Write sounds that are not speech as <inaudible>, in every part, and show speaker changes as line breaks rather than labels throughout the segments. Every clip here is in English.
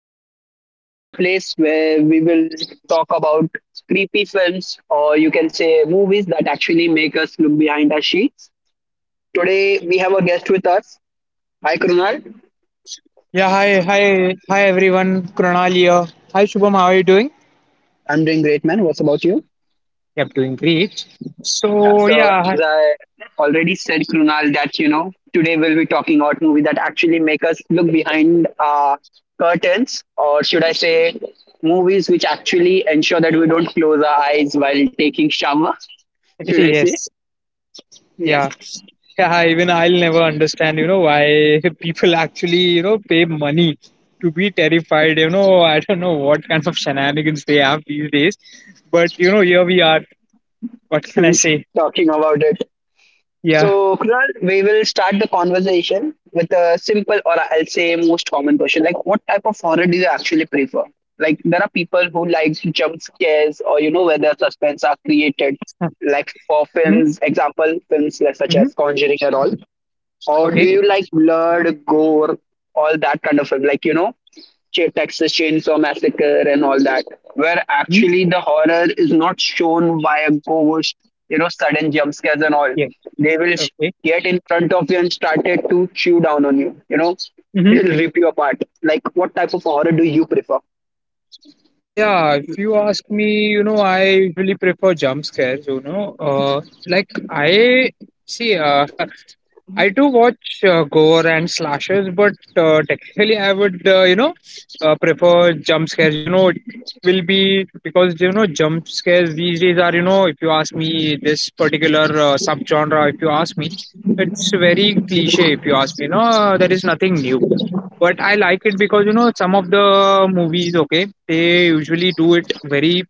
Podcast. This is a place where we will talk about creepy films, or you can say movies that actually make us look behind our sheets. Today we have a guest with us. Hi Krunal.
Yeah, hi everyone. Krunal here. Hi Shubham, how are you doing?
I'm doing great man. What's about you?
Yep, doing great.
Yeah,
So
so
yeah.
as I already said Krunal that you know today we'll be talking about movies that actually make us look behind our curtains, or should I say movies which actually ensure that we don't close our eyes while taking shower,
<laughs>
should I say?
Yes,
Yes,
yeah, yeah. Hi. Even I'll never understand why <laughs> people actually pay money to be terrified. I don't know what kind of shenanigans they have these days, but here we are. What can I say?
<laughs> talking about it.
Yeah.
So, Kunal, we will start the conversation with a simple or I'll say most common question like, what type of horror do you actually prefer? Like, there are people who like jump scares or, you know, where the suspense are created,
<laughs>
like for films, example, such as
Mm-hmm.
Conjuring and all. Or do
Okay.
you like blood, gore, all that kind of film? Like, you know, Texas Chainsaw Massacre and all that, where
Hmm.
actually the horror is not shown via ghost, you know, sudden jump scares and all.
Yeah.
They will sh-
Okay.
get in front of you and started to chew down on you. You know, they'll rip you apart. Like, what type of horror do you prefer?
Yeah, if you ask me, I usually prefer jump scares. Like I see, uh, <laughs> I do watch gore and slashers, but technically I would, prefer jump scares. It will be because jump scares these days are, if you ask me, this particular subgenre, if you ask me, it's very cliche. If you ask me, no, there is nothing new but I like it because, some of the movies, okay, they usually do it very,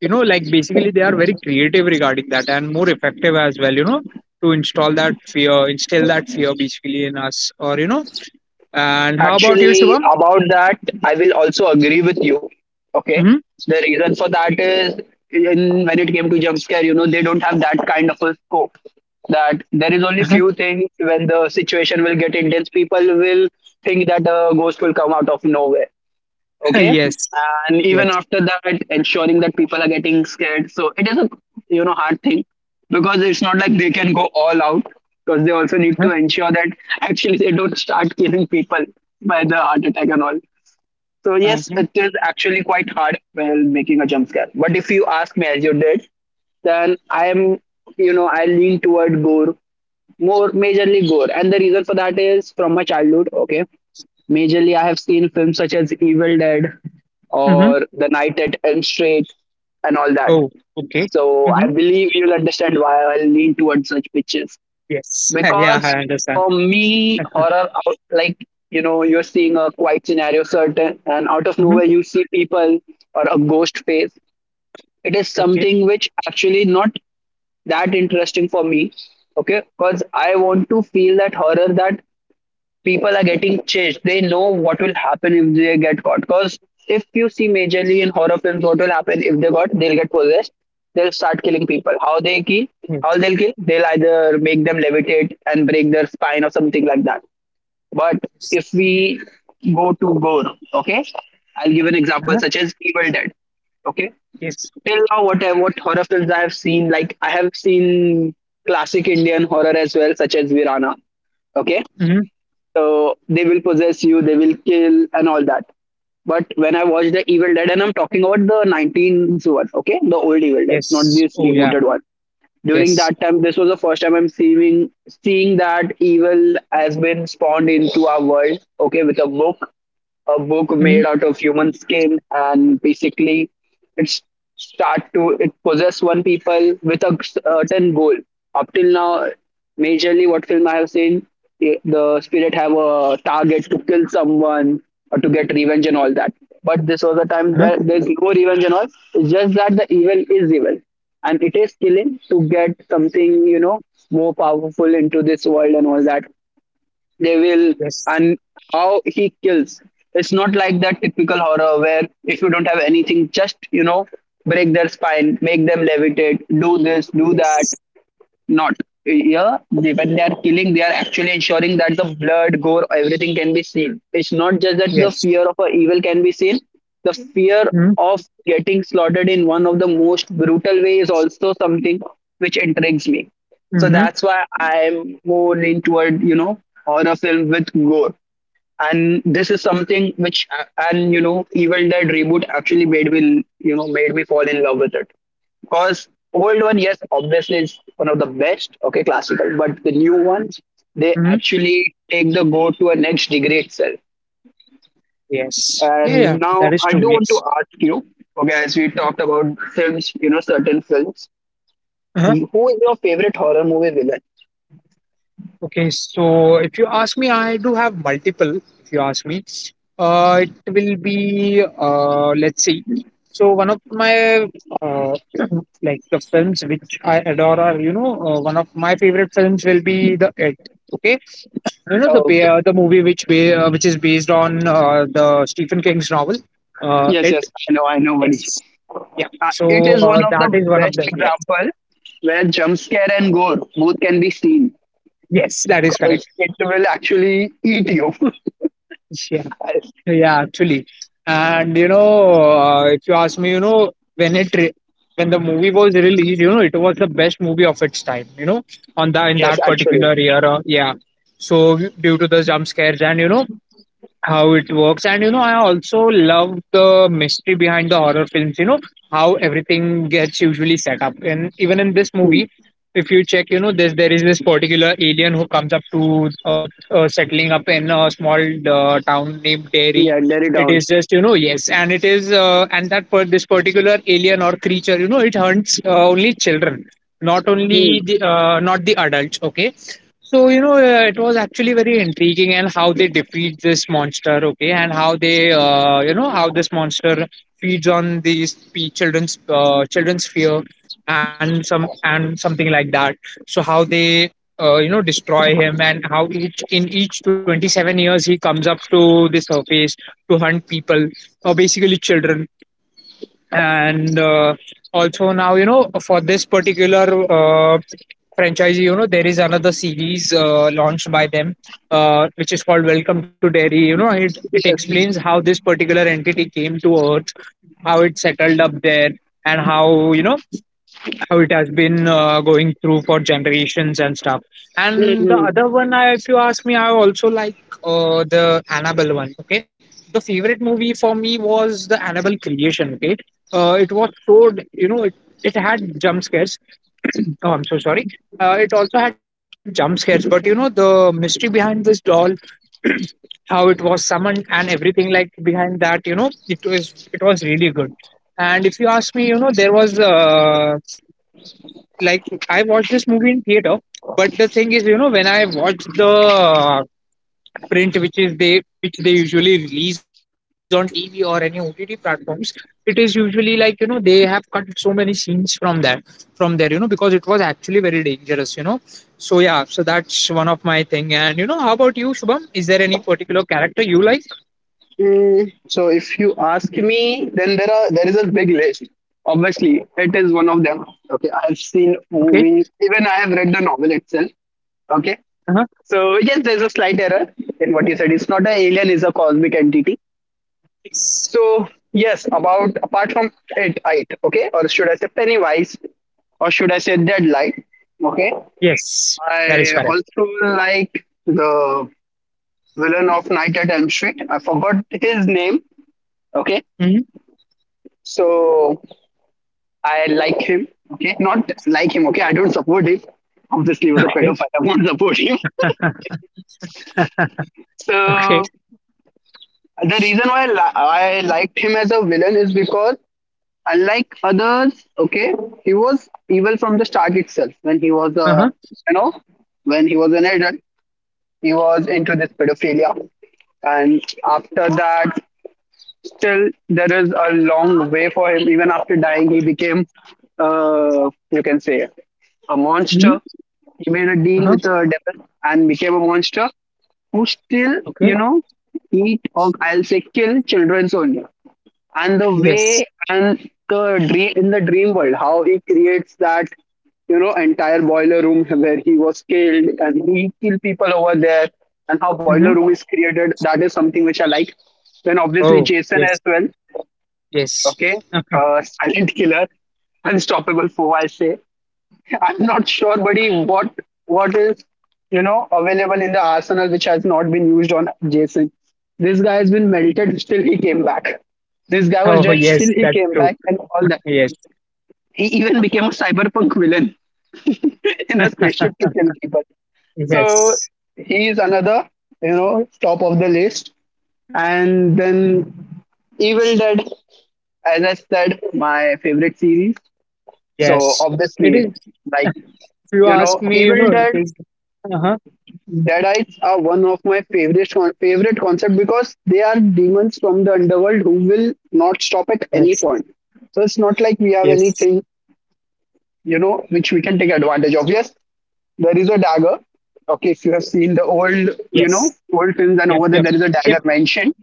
like basically they are very creative regarding that and more effective as well, to instill that fear basically in us or. And how about you,
Actually,
Shubham?
about that, I will also agree with you. Okay.
Mm-hmm.
The reason for that is when it came to jump scare, you know, they don't have that kind of a scope. That there is only
Uh-huh.
few things. When the situation will get intense, people will think that a ghost will come out of nowhere,
<laughs>
okay,
Yes.
and
Yes.
even after that ensuring that people are getting scared, so it is a, you know, hard thing, because it's not like they can go all out, because they also need
Uh-huh.
to ensure that actually they don't start killing people by the heart attack and all. So yes,
Mm-hmm.
it is actually quite hard while making a jump scare. But if you ask me, as you did, then I am, you know, I lean toward gore, more majorly gore. And the reason for that is from my childhood. Okay, majorly I have seen films such as Evil Dead
Mm-hmm.
or The Night at Elm Street and all that.
Oh, okay.
So I
Mm-hmm.
believe you'll understand why I lean towards such pictures.
Yes. <laughs> Yeah, I
Because
understand.
for me like, you know, you're seeing a quiet scenario certain and out of
Mm-hmm.
nowhere you see people or a ghost face, it is
Okay.
something which actually not that interesting for me. Okay, because I want to feel that horror, that people are getting chased, they know what will happen if they get caught. Because if you see majorly in horror films, what will happen if they got, they'll get possessed, they'll start killing people. How they kill, how
Yes.
they'll kill they'll either make them levitate and break their spine or something like that. But
Yes.
if we go to gore, okay, I'll give an example
Uh-huh.
such as Evil Dead. Okay,
Yes.
till now what horror films I have seen, like I have seen classic Indian horror as well, such as Virana. Okay,
Mm-hmm.
so they will possess you, they will kill, and all that. But when I watch the Evil Dead, and I'm talking about the 19s one, okay, the old Evil Dead, not
Yes.
this
Oh, yeah.
rebooted one. During
Yes.
that time, this was the first time I'm seeing that evil has been spawned into our world, okay, with a book
Mm-hmm.
made out of human skin. And basically it's start to it possess one people with a certain goal. Up till now, majorly what film I have seen, the spirit have a target to kill someone or to get revenge and all that. But this was a time
Uh-huh.
that there's no revenge and all. It's just that the evil is evil, and it is killing to get something, you know, more powerful into this world and all that. They will.
Yes.
And how he kills, it's not like that typical horror where if you don't have anything, just, you know, break their spine, make them levitate, do this, do that.
Yes.
Not here. They, when they are killing, they are actually ensuring that the blood, gore, everything can be seen. It's not just that the
Yes.
fear of a evil can be seen, the fear
Mm-hmm.
of getting slaughtered in one of the most brutal ways is also something which intrigues me. So
Mm-hmm.
that's why I'm more lean toward, you know, horror film with gore. And this is something which and you know Evil Dead reboot actually made me, you know, made me fall in love with it. Because old one, yes, obviously is one of the best, okay, classical, but the new ones, they
Mm-hmm.
actually take the go to a next degree itself.
Yes. Yeah, yeah,
And now
that is
I
true.
do want to
Yes.
ask you, okay, as we talked about films, you know, certain films,
Uh-huh.
who is your favorite horror movie villain?
Okay. So if you ask me, I do have multiple. If you ask me, it will be let's see. So one of my uh, <clears throat> like the films which I adore are one of my favorite films will be the It. Okay, the
Okay,
ba- the movie which is based on the Stephen King's novel,
yes
It.
yes I know, I know buddy.
Yes. Yeah.
It
So
is one of
that
the
is one of
best
the yes,
example where jump scare and gore both can be seen,
yes, that is correct.
because it will actually eat you. <laughs>
Yeah, yeah, actually, and if you ask me, when the movie was released, it was the best movie of its time. On that in
Yes,
that
actually.
particular year, yeah. So due to the jump scares and how it works, and I also love the mystery behind the horror films. How everything gets usually set up, and even in this
Hmm.
movie, if you check, you know this there is this particular alien who comes up to earth, settling up in a small town named Derry.
Yeah, narrow
It
down.
is just, yes. And it is uh, and that per- this particular alien or creature, it hunts only children, not
Hmm.
only the uh, not the adults. Okay, so, it was actually very intriguing, and how they defeat this monster, okay, and how they, how this monster feeds on these children's fear and something like that. So how they, destroy him, and how each 27 years he comes up to the surface to hunt people, or basically children. And also now, for this particular uh, franchise, there is another series launched by them, which is called Welcome to Dairy. It explains
Yes.
how this particular entity came to earth, how it settled up there, and how you know how it has been going through for generations and stuff. And the
Mhm.
other one, if you ask me, I also like the Annabelle one. Okay, the favorite movie for me was the Annabelle creation. Okay, it was it had jump scares. <clears throat> Oh, I'm so sorry. It also had jump scares, but the mystery behind this doll, <clears throat> how it was summoned and everything like behind that, it was really good. And if you ask me, there was like I watched this movie theater. But the thing is, when I watch the print, which is they usually release on TV or any OTT platforms. It is usually like, they have cut so many scenes from there, because it was actually very dangerous. So yeah, so that's one of my thing. And how about you, Shubham? Is there any particular character you like?
Hmm. So if you ask me, then there is a big list. Obviously, it is one of them. Okay, I have seen
Okay.
movies. Even I have read the novel itself. Okay,
Uh huh.
so yes, there's a slight error in what you said. It's not an alien; it's a cosmic entity.
Yes.
So yes, about apart from it, it, okay, or should I say Pennywise, or should I say Deadlight? Okay,
Yes, that is
I
correct.
also like the villain of Night at Elm Street. I forgot his name. Okay,
Hmm.
so I like him. Okay, not like him. Okay, I don't support him. Obviously, with a
Okay.
pedophile, I won't support him. <laughs>
Okay.
So the reason why I liked him as a villain is because unlike others, okay, he was evil from the start itself. When he was
Uh
a,
huh.
you know, when he was an adult, he was into this pedophilia. And after that, still there is a long way for him. Even after dying, he became, you can say, a monster.
Hmm.
He made a
Uh
deal
huh.
with the devil and became a monster who still, you
Okay.
know, eat or I'll say kill children only. And the
Yes.
way, and the dream, in the dream world, how he creates that, you know, entire boiler room where he was killed and he kill people over there, and how boiler
Mm-hmm.
room is created, that is something which I like. Then obviously
Oh,
Jason as
yes,
well.
yes.
Okay,
<laughs>
silent killer, unstoppable foe I say. I'm not sure, buddy, what is, you know, available in the arsenal which has not been used on Jason. This guy has been melted, still he came back. This guy was
Oh,
dead,
yes,
still he
that's
came
true.
back, and all that.
Yes,
He even became a cyberpunk villain <laughs> in a spaceship to kill people. So
yes,
he is another, you know, top of the list. And then Evil Dead, as I said, my favorite series. So
yes. It
obviously,
is,
like,
if you
you
ask
know,
me,
Evil
it
Dead
is. Uh-huh.
Deadites are one of my favorite concept, because they are demons from the underworld who will not stop at any
Yes,
point. So it's not like we have
yes,
anything, you know, which we can take advantage of. Yes, there is a dagger. Okay, if you have seen the old, you know,
yes.
old films, and
Yep,
over there
yep,
there is a
yep.
dagger mentioned.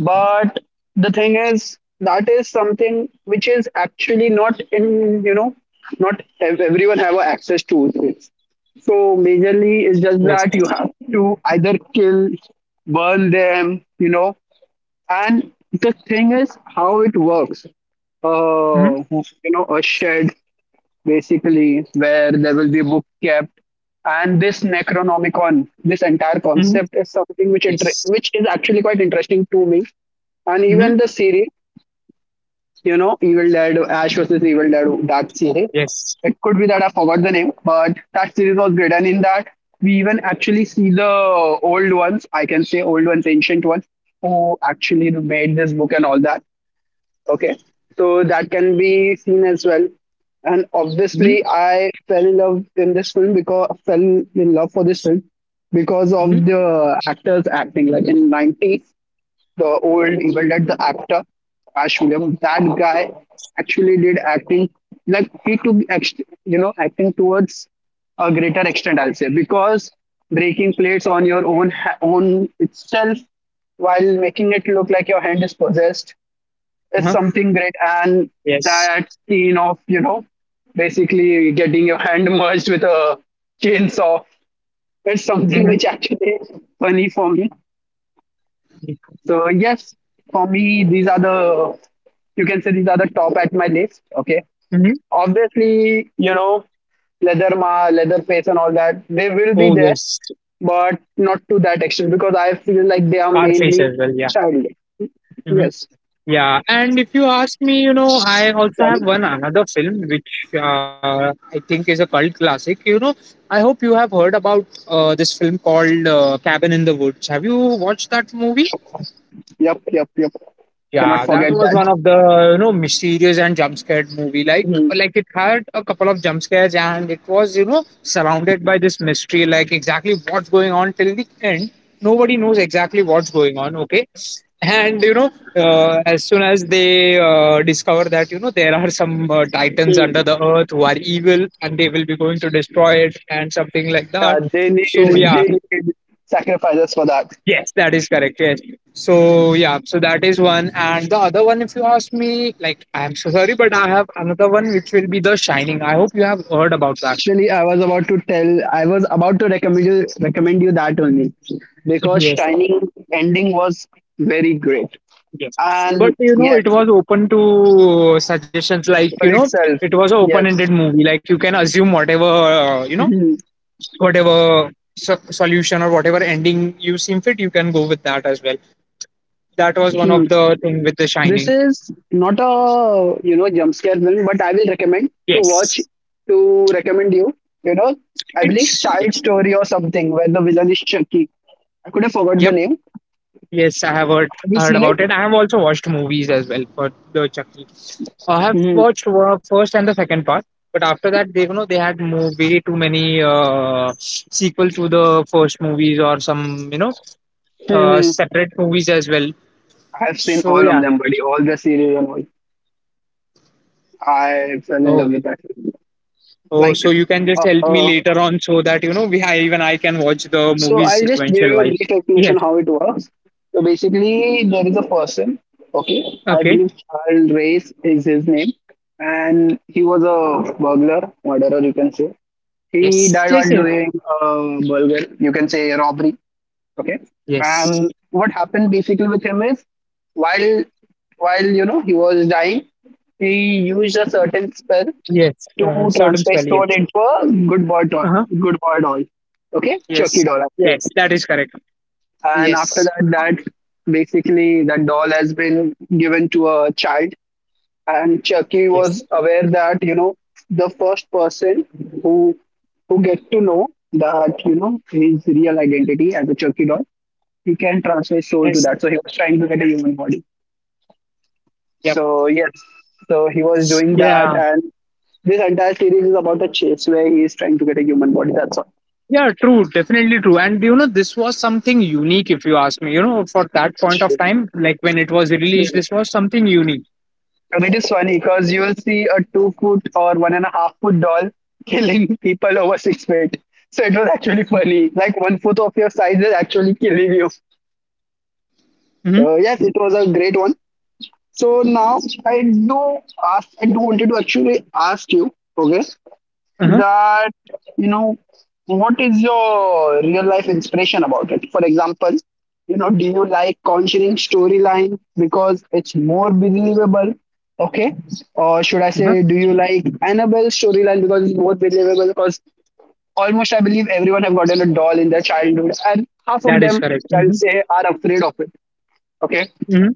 But the thing is, that is something which is actually not in, you know, not ev- everyone have a access to this. So majorly it's just
Yes.
that you have to either kill, burn them, you know. And the thing is how it works.
Mm-hmm.
You know, a shed basically, where there will be a book kept. And this Necronomicon, this entire
Mm-hmm.
concept is something which
Yes.
which is actually quite interesting to me. And even the
Mm-hmm.
series, you know, Evil Dead, Ash versus Evil Dead, that series,
Yes.
it could be that I forgot the name, but that series was great. And in that, we even actually see the old ones, I can say old ones, ancient ones, who actually made this book and all that. Okay. So that can be seen as well. And
Mm-hmm.
obviously, I fell in love in this film because fell in love for this film because
Mm-hmm.
of the actors acting. Like in '90s, the old Evil Dead, the actor Ash Williams, that guy actually did acting. Like he took, acting towards a greater extent, I'll say, because breaking plates on your own itself while making it look like your hand is possessed is
Uh-huh.
something great. And
Yes.
that scene of basically getting your hand merged with a chainsaw. It's something <laughs> which
Mm-hmm.
actually is funny for me.
Mm-hmm.
So yes, for me, these are the you can say these are the top at my list. Okay.
Mm-hmm.
Obviously, leatherma leatherface and all that, they will be
Oh,
there,
yes.
but not to that extent because I feel like they are
Car face
mainly
as well, yeah.
childhood.
Mm-hmm.
Yes.
Yeah, and if you ask me, I also have
Sorry.
one another film which I think is a cult classic. I hope you have heard about this film called Cabin in the Woods. Have you watched that movie?
Yep, yep, yep. Cannot
Yeah, that
forget
was
that.
one of the mysterious and jump scared movie. Like
Mhm.
like it had a couple of jump scares, and it was, surrounded by this mystery. Like, exactly what's going on till the end, nobody knows exactly what's going on. Okay, and as soon as they discover that there are some titans
Mhm.
under the earth who are evil, and they will be going to destroy it, and something like
Yeah,
that.
they need <laughs>
So yeah.
they need sacrifices for that.
Yes, that is correct. Yes. So yeah, so that is one. And the other one, if you ask me, like, I'm so sorry, but I have another one which will be The Shining. I hope you have heard about that.
Actually, I was about to recommend you that only
<laughs>
because
Yes.
Shining ending was very great.
Yes. But
And yes,
it was open to suggestions. Like,
for itself,
it was an
yes.
open-ended movie. Like, you can assume whatever
Mhm.
whatever solution, or whatever ending you seem fit, you can go with that as well. That was one of
Mhm.
the thing with The
This
Shining.
is not a jump scare film, but I will recommend
Yes.
to recommend you. You know, I believe
It's
Child Story or something where the villain is Chucky. I could have forgot the
yep.
name.
Yes, I have heard
Have you
heard
seen
about it. I have also watched movies as well for the Chucky. I have
it?
watched first and the second part, but after that, they you know they had more, way too many sequel to the first movies, or some
Hmm.
separate movies as well.
I've seen
So
all of
yeah.
them, buddy. All the series and all. I fell in
Oh,
love with that.
oh.
Like,
So you can just
uh,
help me
uh,
later on, so that even I can watch the
so
movies
I'll just give
sequential
you a
wise.
brief
Yes.
explanation how it works. So basically, there is a person. Okay, I
Okay.
believe Charles Race is his name, and he was a burglar, murderer, you can say. He
Yes.
died
Yes.
while
Yes.
doing a burger, you can say a robbery. Okay.
Yes.
And what happened basically with him is while while he was dying, he used a certain spell
Yes.
to
Certain
transfer his
spell.
soul
Yes.
into a good boy doll.
Uh huh.
Good boy doll. Okay, Chucky
Yes.
doll actually.
Yes. That is correct.
And after
Yes.
that basically that doll has been given to a child, and Chucky
Yes.
was aware that the first person who who get to know that his real identity as a Chucky doll, he can transfer his soul to
Yes.
that. So he was trying to get a human body.
Yep.
So yes, so he was doing that,
Yeah.
and this entire series is about a chase where he is trying to get a human body. That's all.
Yeah, true, definitely true. And this was something unique, if you ask me. For that point of time, like when it was
Yeah.
released, this was something unique.
And it is funny because you will see a 2 foot or 1.5 foot doll <laughs> killing people over 6 feet. So it was actually funny. Like 1 foot of your size is actually killing you.
Mm-hmm.
So yes, it was a great one. So now I do I do wanted to actually ask you, okay?
Uh-huh.
That you know what is your real life inspiration about it? For example, do you like Conjuring storyline because it's more believable? Okay, or should I
Uh-huh.
say, do you like Annabelle storyline because it's more believable? Because almost, I believe everyone have gotten a doll in their childhood and half
That
of
is
them,
correct. Mm-hmm.
I'll say, are afraid of it. Okay.
Mm-hmm.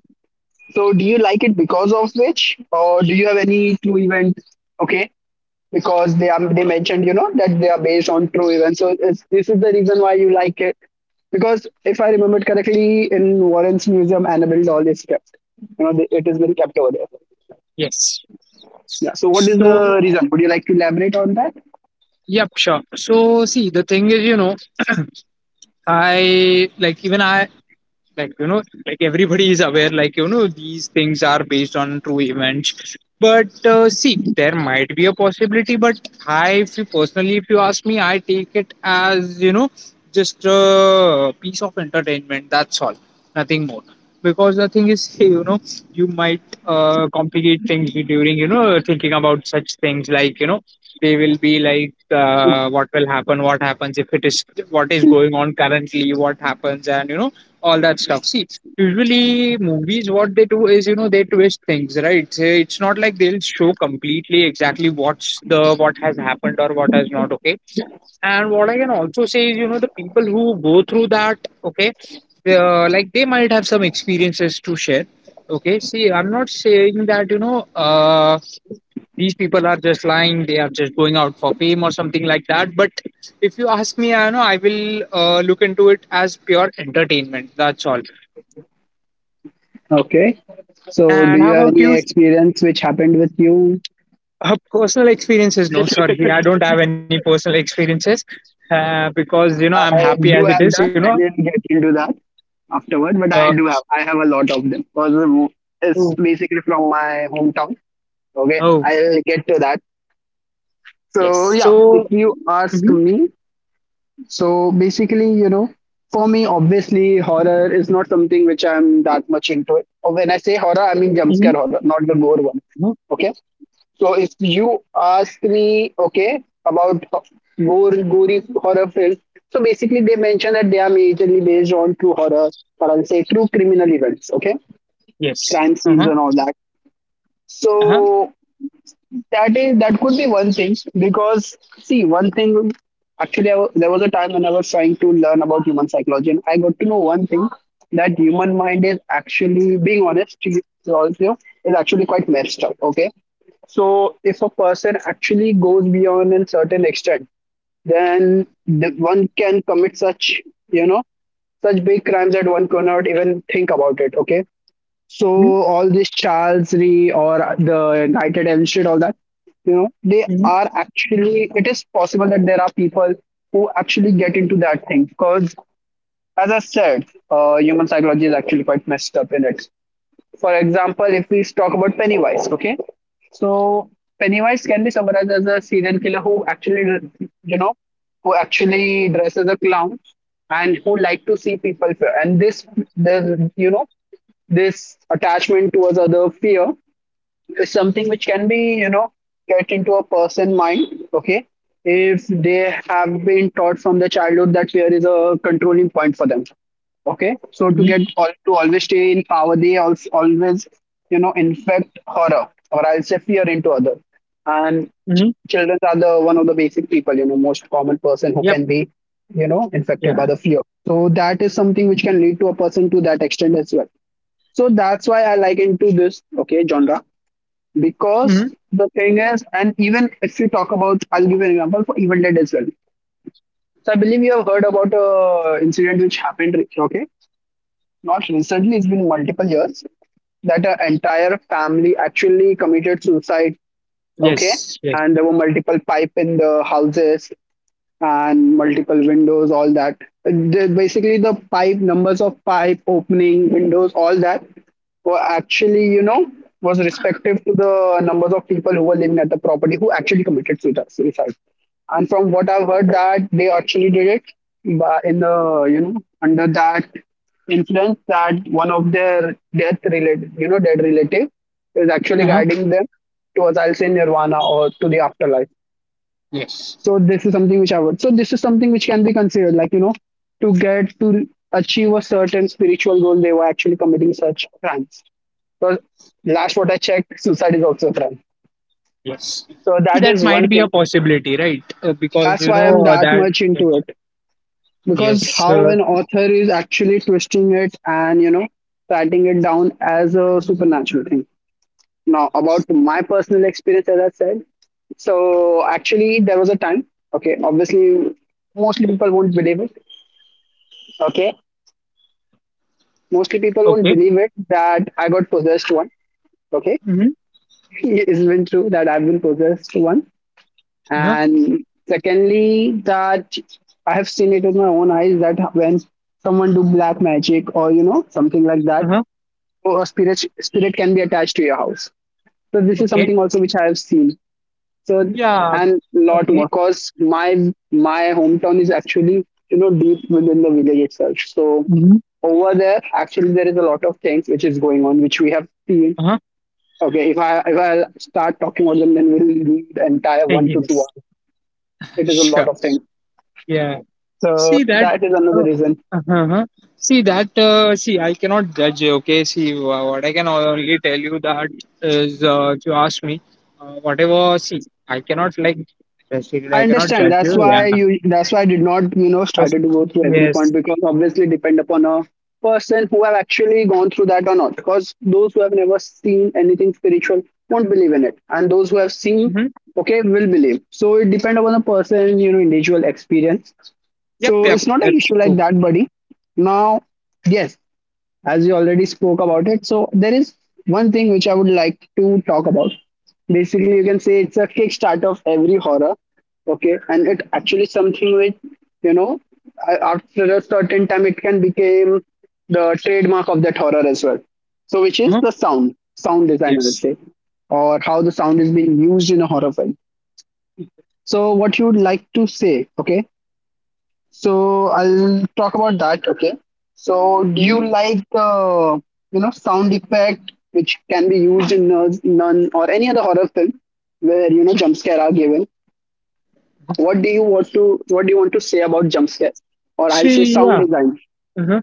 So do you like it because of which, or do you have any two event? Okay, because they mentioned that they are based on true events. So this is the reason why you like it, because if I remembered correctly, in Warren's museum, Annabelle doll is kept. It is very kept over there.
Yes.
Yeah, so what is the
So,
reason? Would you like to elaborate on that?
yep, sure. So, see, the thing is, I like, even I like, like everybody is aware, like these things are based on true events, but see, there might be a possibility. But i, if you personally, if you ask me, I take it as, just a piece of entertainment, that's all, nothing more. Because the thing is, <laughs> you might complicate things during, thinking about such things, like they will be like, what will happen, what happens if it is, what is going on currently, what happens, and all that stuff. See, usually movies, what they do is, they twist things, right? So it's not like they'll show completely exactly what has happened or what has not. Okay, and what I can also say is, the people who go through that, okay, like they might have some experiences to share. Okay, see, I'm not saying that these people are just lying; they are just going out for fame or something like that. But if you ask me, I know I will look into it as pure entertainment. That's all.
Okay, so do
And how
you have
about
any
you?
experience which happened with you?
Personal experiences? No, sorry, I
<laughs>
don't have any personal experiences, because I'm
I
happy as
do
it
have
is. You
that.
know.
I didn't get into that afterward, but
Uh,
I have a lot of them because
oh,
it's basically from my hometown. Okay,
oh,
I'll get to that.
yes.
So yeah,
So.
if you
Mm-hmm,
ask me, so basically, for me, obviously, horror is not something which I'm that much into it. Or when I say horror, I mean jump
mm-hmm,
scare horror, not the gore one.
mm-hmm,
Okay. So if you ask me, okay, about gory horror films, so basically they mention that they are majorly based on true horror, or I'll say true criminal events. Okay,
yes. Uh
crime
huh.
scenes and all that.
Uh huh.
So that could be one thing because see, one thing, actually there was a time when I was trying to learn about human psychology, and I got to know one thing: that human mind is actually, being honest to you also, is actually quite messed up. Okay, so if a person actually goes beyond a certain extent, then one can commit such you know such big crimes that one cannot even think about it. Okay, so
Mm-hmm,
all this Charlesry or the United Emshid, all that,
mm-hmm,
they are actually. It is possible that there are people who actually get into that thing because, as I said, human psychology is actually quite messed up in it. For example, if we talk about Pennywise, okay? So Pennywise can be summarized as a serial killer you know, who actually dresses a clown and who like to see people fear. And this this attachment towards other fear is something which can be get into a person mind. Okay, if they have been taught from the childhood that fear is a controlling point for them. Okay, so to get
mm-hmm,
all to always stay in power, they also always infect horror, or I'll say fear, into other. And ch-
mm-hmm.
children are the one of the basic people, most common person who
Yep.
can be
Yeah.
infected by the fear. So that is something which can lead to a person to that extent as well. So that's why I liken to this, okay, genre.
Mm-hmm.
Because the thing is, and even if you talk about, I'll give you an example for Evil Dead as well. So I believe you have heard about a incident which happened. Okay, not recently. It's been multiple years that an entire family actually committed suicide. Okay.
Yes. Yes.
And there were multiple pipe in the houses and multiple windows, all that. Basically, the pipe numbers of pipe opening windows, all that were actually, was respective to the numbers of people who were living at the property who actually committed suicide. And from what I've heard, that they actually did it, but in the you know under that influence that one of their death related, you know, dead relative is
Uh
actually
huh.
guiding them towards, I'll say, nirvana or to the afterlife.
Yes.
So this is something which I would. So this is something which can be considered, like, to get to achieve a certain spiritual goal, they were actually committing such crimes. Because last what I checked, suicide is also a crime.
Yes.
So
See,
that
that
is
might
one
be a
thing.
possibility, right? Because
That's why I'm that
that.
much
Yes.
into it. Because
Yes.
how
Uh,
an author is actually twisting it and writing it down as a supernatural thing. Now about my personal experience, as I said, so actually there was a time, okay, obviously mostly people won't believe it. Okay, mostly people won't
okay.
believe it that I got possessed one. Okay.
Mm-hmm.
<laughs> It's been true that I've been possessed one,
Uh huh.
and secondly that I have seen it with my own eyes, that when someone do black magic or something like
Uh
that,
huh.
or a spirit can be attached to your house. So this is
Okay.
something also which I have seen. So
Yeah.
and lot more
Okay.
because my hometown is actually deep within the village itself. So
Mhm.
over there, actually there is a lot of things which is going on which we have seen.
Uh-huh.
Okay, if I start talking about them, then we'll need the entire
Hey,
one to two
yes.
hours. It is a lot
Sure.
of things.
Yeah.
So
See that.
that is another
Uh,
reason.
uh-huh. See that. See, I cannot judge. Okay. See, what I can only tell you if you ask me, whatever. See, I cannot judge it.
I
I cannot
understand.
judge
That's
you. Yeah.
why you. That's why I did not,
Because
started to go through every point,
yes.
because obviously depend upon a person who have actually gone through that or not. Because those who have never seen anything spiritual won't believe in it, and those who have seen,
Mm-hmm.
okay, will believe. So it depend upon the person, individual experience.
Yep.
So
Yep.
it's not an
That's
issue like
true.
that, buddy. Now, yes, as you already spoke about it. So there is one thing which I would like to talk about. Basically, you can say it's a kickstart of every horror. Okay, and it actually something which you know after a certain time it can become the trademark of that horror as well. So which is
Uh-huh.
the sound design, I would
Yes.
say, or how the sound is being used in a horror film. So what you would like to say, okay? So I'll talk about that. Okay. So do
Mm-hmm.
you like the sound effect which can be used in Nun or any other horror film where jump scare are given? What do you want to say about jump scare? Or I'll say
See.
sound
Yeah.
design.
Uh-huh.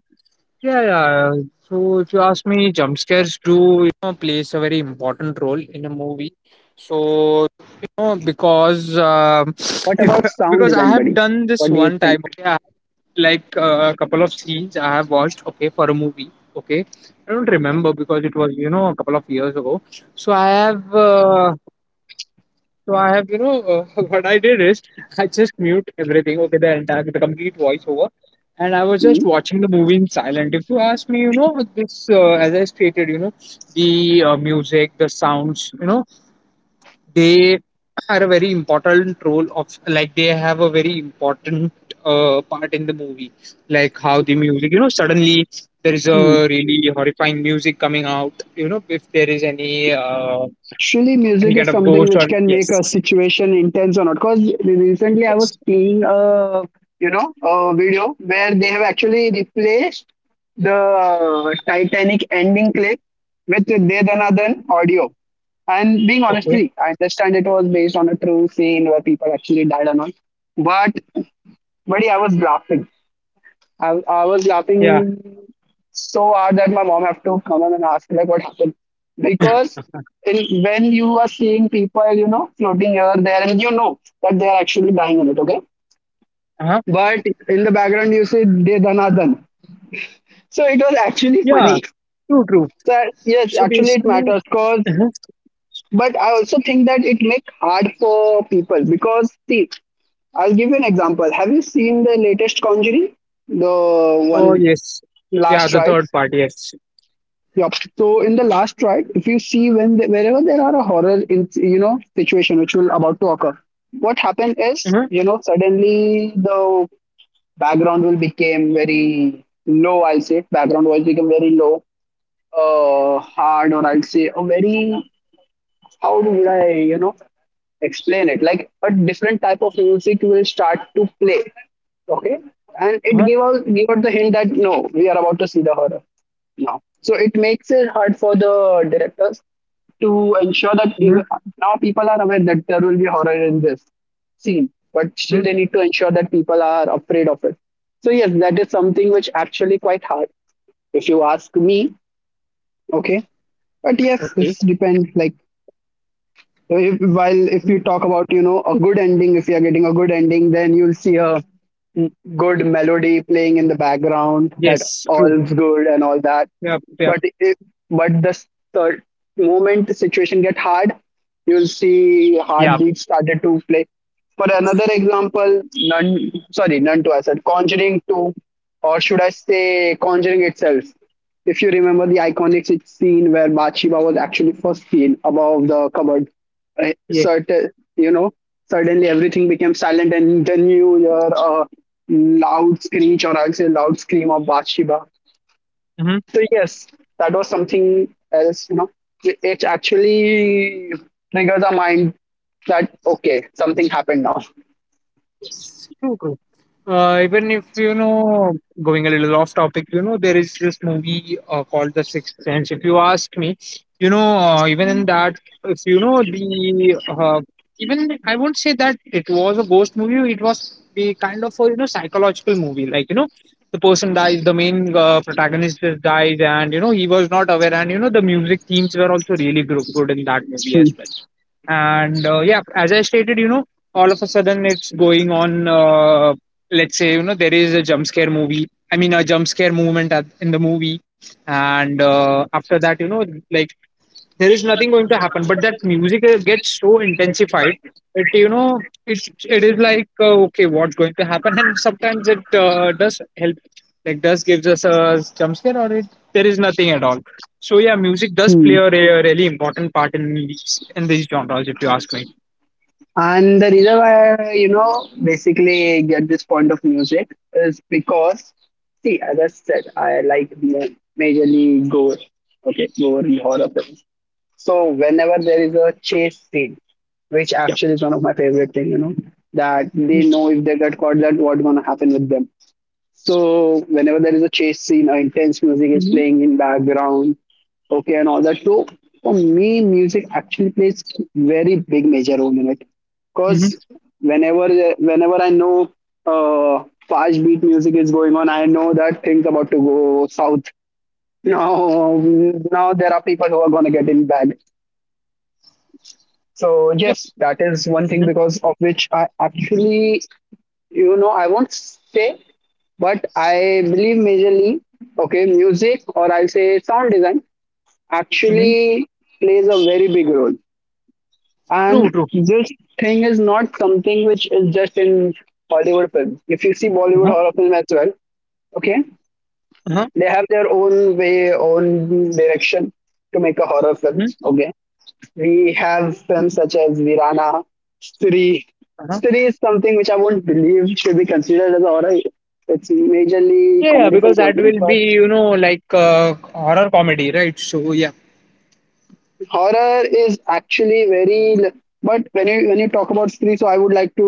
Yeah. Yeah. So if you ask me, jump scares
What about sound design, buddy? What do you think?
watched, okay, for a movie, okay. I don't remember because it was a couple of years ago. So I have, uh, so I have, <laughs> what I did is I just mute everything, okay, the entire, the complete voiceover, and I was just
Hmm?
watching the movie in silent. If you ask me, as I stated, the music, the sounds, they are a very important role of like they have a very important part in the movie. Like how the music, suddenly there is a really horrifying music coming out. You know, if there is
Actually,
any
music
kind
is
of
something
ghost or
which can make a
yes,
situation intense or not. Because recently I was
yes,
seeing a you know a video where they have actually replaced the Titanic ending clip with the Dedanadan audio. And being
okay,
honestly, I understand it was based on a true scene where people actually died and all. But buddy, I was laughing. I was
yeah,
laughing so hard that my mom have to come in and ask like what happened
<laughs>
because when you are seeing people floating here there and you know that they are actually dying in it, okay,
uh-huh.
but in the background you see they done are done, so it was actually
Yeah,
funny.
true, true.
So yes,
So
actually it
basically,
matters, cause
uh
but I also think that it make hard for people because see, I'll give you an example. Have you seen the latest Conjuring, the
oh
one,
yes, yeah,
last
the third
rites.
part, yes.
Yep. So in the last track, if you see wherever there are a horror in situation which will about to occur, what happened is,
Uh-huh.
you know, suddenly the background will become very low. I'll say background voice become very low, hard, or I'll say a very, how would I, explain it? Like a different type of music will start to play. Okay, and it
Uh-huh.
gave out the hint that no, we are about to see the horror now. So it makes it hard for the directors to ensure that even
Uh-huh.
now people are aware that there will be horror in this scene, but still they
Uh-huh.
need to ensure that people are afraid of it. So yes, that is something which actually quite hard if you ask me. Okay, but yes, this
Okay.
depends. Like if, while if you
Mhm.
talk about, you know, a good ending, if you are getting a good ending, then you'll see a good melody playing in the background that
Yes, true.
all's good and all that.
Yeah, yeah.
But if, but the s- the moment situation get hard, you'll see
Yeah.
heartbeat started to play. For another
Yes.
example, none, sorry, none to, I said Conjuring 2, or should I say Conjuring itself, if you remember the iconic scene where Bathsheba was actually first seen above the cupboard, right?
Yes.
Certain, you know suddenly everything became silent and then you hear a loud screech, or I'll say loud scream of Bathsheba.
Hmm.
So yes, that was something else, you know, it actually triggers our mind that okay, something happened now.
Yes. True. True. Even if you know, going a little off topic, you know, there is this movie called The Sixth Sense. If you ask me, even in that, if you know the, even I won't say that it was a ghost movie. It was the kind of a you know psychological movie. Like you know, the person dies, the main protagonist just dies, and you know he was not aware. And you know the music themes were also really good in that movie
Hmm,
as well. And yeah, as I stated, you know, all of a sudden it's going on let's say you know there is a jump scare movement in the movie and after that you know like there is nothing going to happen but that music gets so intensified it you know it it is like okay what's going to happen <laughs> and sometimes it does help like does gives us a jump scare or it there is nothing at all. So yeah, music does play
hmm.
a really important part in these genres if you ask me.
And the reason why I, basically get this point of music is because, see, as I said, I like majorly gore, okay, gore and horror films. So whenever there is a chase scene, which
Yeah.
actually is one of my favorite thing, you know, that they know
Yes.
if they get caught, that what's gonna happen with them. So whenever there is a chase scene, or intense music is
Mm-hmm.
playing in background, okay, and all that. So for me, music actually plays very big major role in it, because
Mm-hmm.
whenever whenever I know fast beat music is going on, I know that things about to go south. <laughs> Now, now there are people who are gonna get in bad. So
Yep.
yes, that is one thing
Mm-hmm.
because of which I actually, you know, I won't say, but I believe majorly, okay, music, or I'll say sound design,
Mm-hmm.
actually plays a very big role. And
True, true.
this thing is not something which is just in Hollywood films. If you see Bollywood horror
Uh-huh.
film as well, okay,
Uh-huh.
they have their own way, own direction to make a horror film.
Mm-hmm.
Okay, we have films such as Virana, Siri.
Uh-huh.
Siri is something which I won't believe should be considered as a horror. It's majorly
Yeah, yeah,
comedy
because
film
that
only,
will
but
be, you know, like horror comedy, right? So, yeah.
horror is actually very. But when you talk about Siri, so I would like to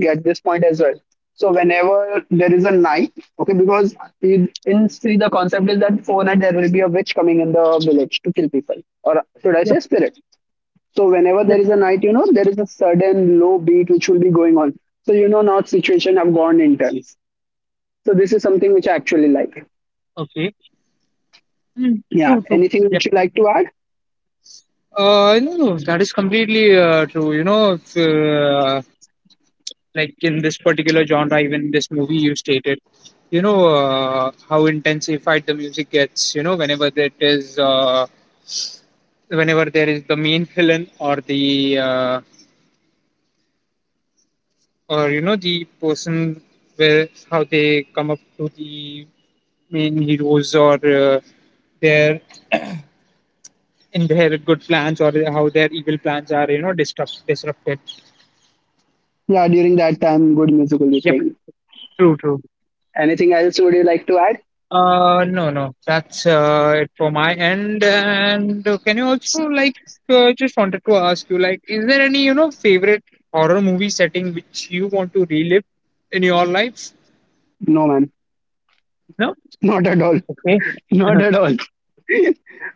get this point as well. So whenever there is a night, okay, because in Sri the concept is that for night there will be a witch coming in the village to kill people, or should I
Yep,
say spirit? So whenever
yep.
there is a night, you know, there is a sudden low beat which will be going on. So you know now situation have gone intense. So this is something which I actually like.
Okay. Mm,
Yeah.
true, true.
Anything
Yep.
which you like to add?
No, no, that is completely true. You know, if, like in this particular genre, even this movie you stated, you know, how intensified the music gets, you know, whenever there is the main villain or you know, the person where how they come up to the main heroes or their in their good plans or how their evil plans are you know disrupted.
Yeah, during that time good music will be
Yep.
playing.
True, true.
Anything else would you like to add?
No, no, that's it for my end. And can you also like just wanted to ask you like, is there any you know favorite horror movie setting which you want to relive in your life?
No, man.
No.
<laughs> Not at all.
Okay.
Not
Uh-huh.
at all.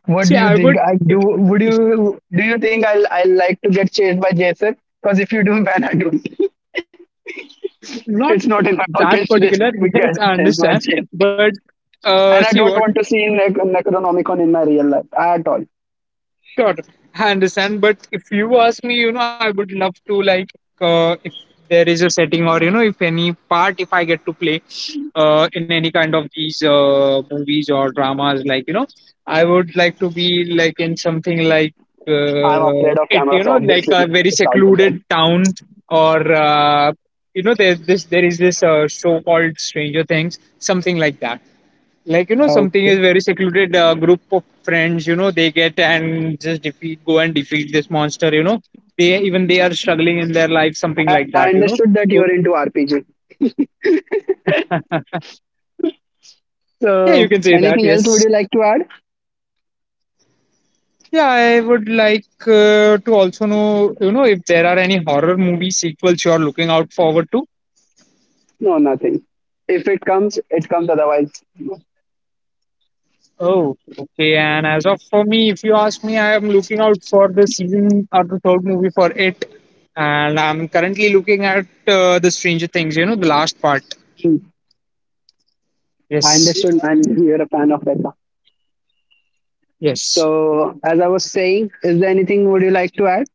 What
See,
do you
I
think?
would
I
if,
do would
if
you do you think I'll like to get chased by Jason? Because if you do, <laughs> man, I don't. <laughs>
not
It's not in my
that
bucket list
particular.
to
<laughs> Yes,
get
I
chased by
understand,
Jason.
but
And I
see
don't
what.
want to see Necronomicon in my real life at all.
Sure, I understand. But if you ask me, you know, I would love to like if there is a setting or you know, if any part if I get to play in any kind of these movies or dramas, like you know, I would like to be like in something like
I'm afraid of
you
cameras,
know, like
obviously.
a very
It's out of job.
secluded town or you know, there is this show called Stranger Things, something like that, like you know something
Okay.
is very secluded group of friends you know they get and just defeat go and defeat this monster you know they even they are struggling in their life something
I,
like
I
that you know.
understood that you're
So-
into RPG.
<laughs> yeah you
So,
can say that,
anything else would
yes.
you like to add?
Yeah, I would like to also know you know if there are any horror movie sequels you are looking out forward to.
No, nothing. If it comes, it comes otherwise.
Oh okay, and as of for me, if you ask me, I am looking out for the season or the third movie for it, and I'm currently looking at the Stranger Things, you know, the last part.
Hmm. I
Yes.
understood. I'm you're a fan of Becca.
Yes.
So, as I was saying, is there anything would you like to add?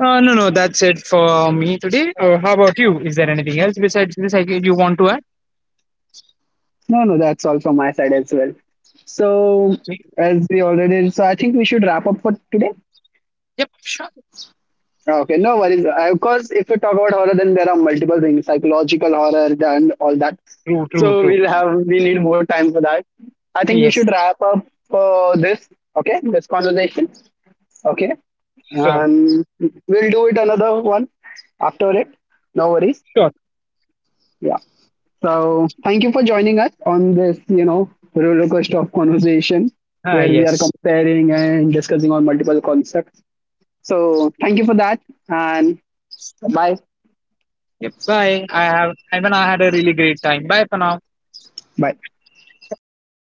No, no, that's it for me today. How about you? Is there anything else besides this you want to add?
No, no, that's all from my side as well. So, as we already, so I think we should wrap up for today.
Yep, sure.
Okay, no worries. Of course, if we talk about horror, then there are multiple things, psychological horror and all that.
True, true,
So
true.
we need more time for that. I think we should
Yes,
wrap up for this. Okay, this conversation. Okay,
sure,
and we'll do it another one after it. No worries.
sure.
Yeah. So thank you for joining us on this, you know, roller coaster of conversation
Ah,
where we are
yes.
comparing and discussing on multiple concepts. So thank you for that and bye.
Yep, bye. I have, I mean, I had a really great time. Bye for now.
Bye.
Bye.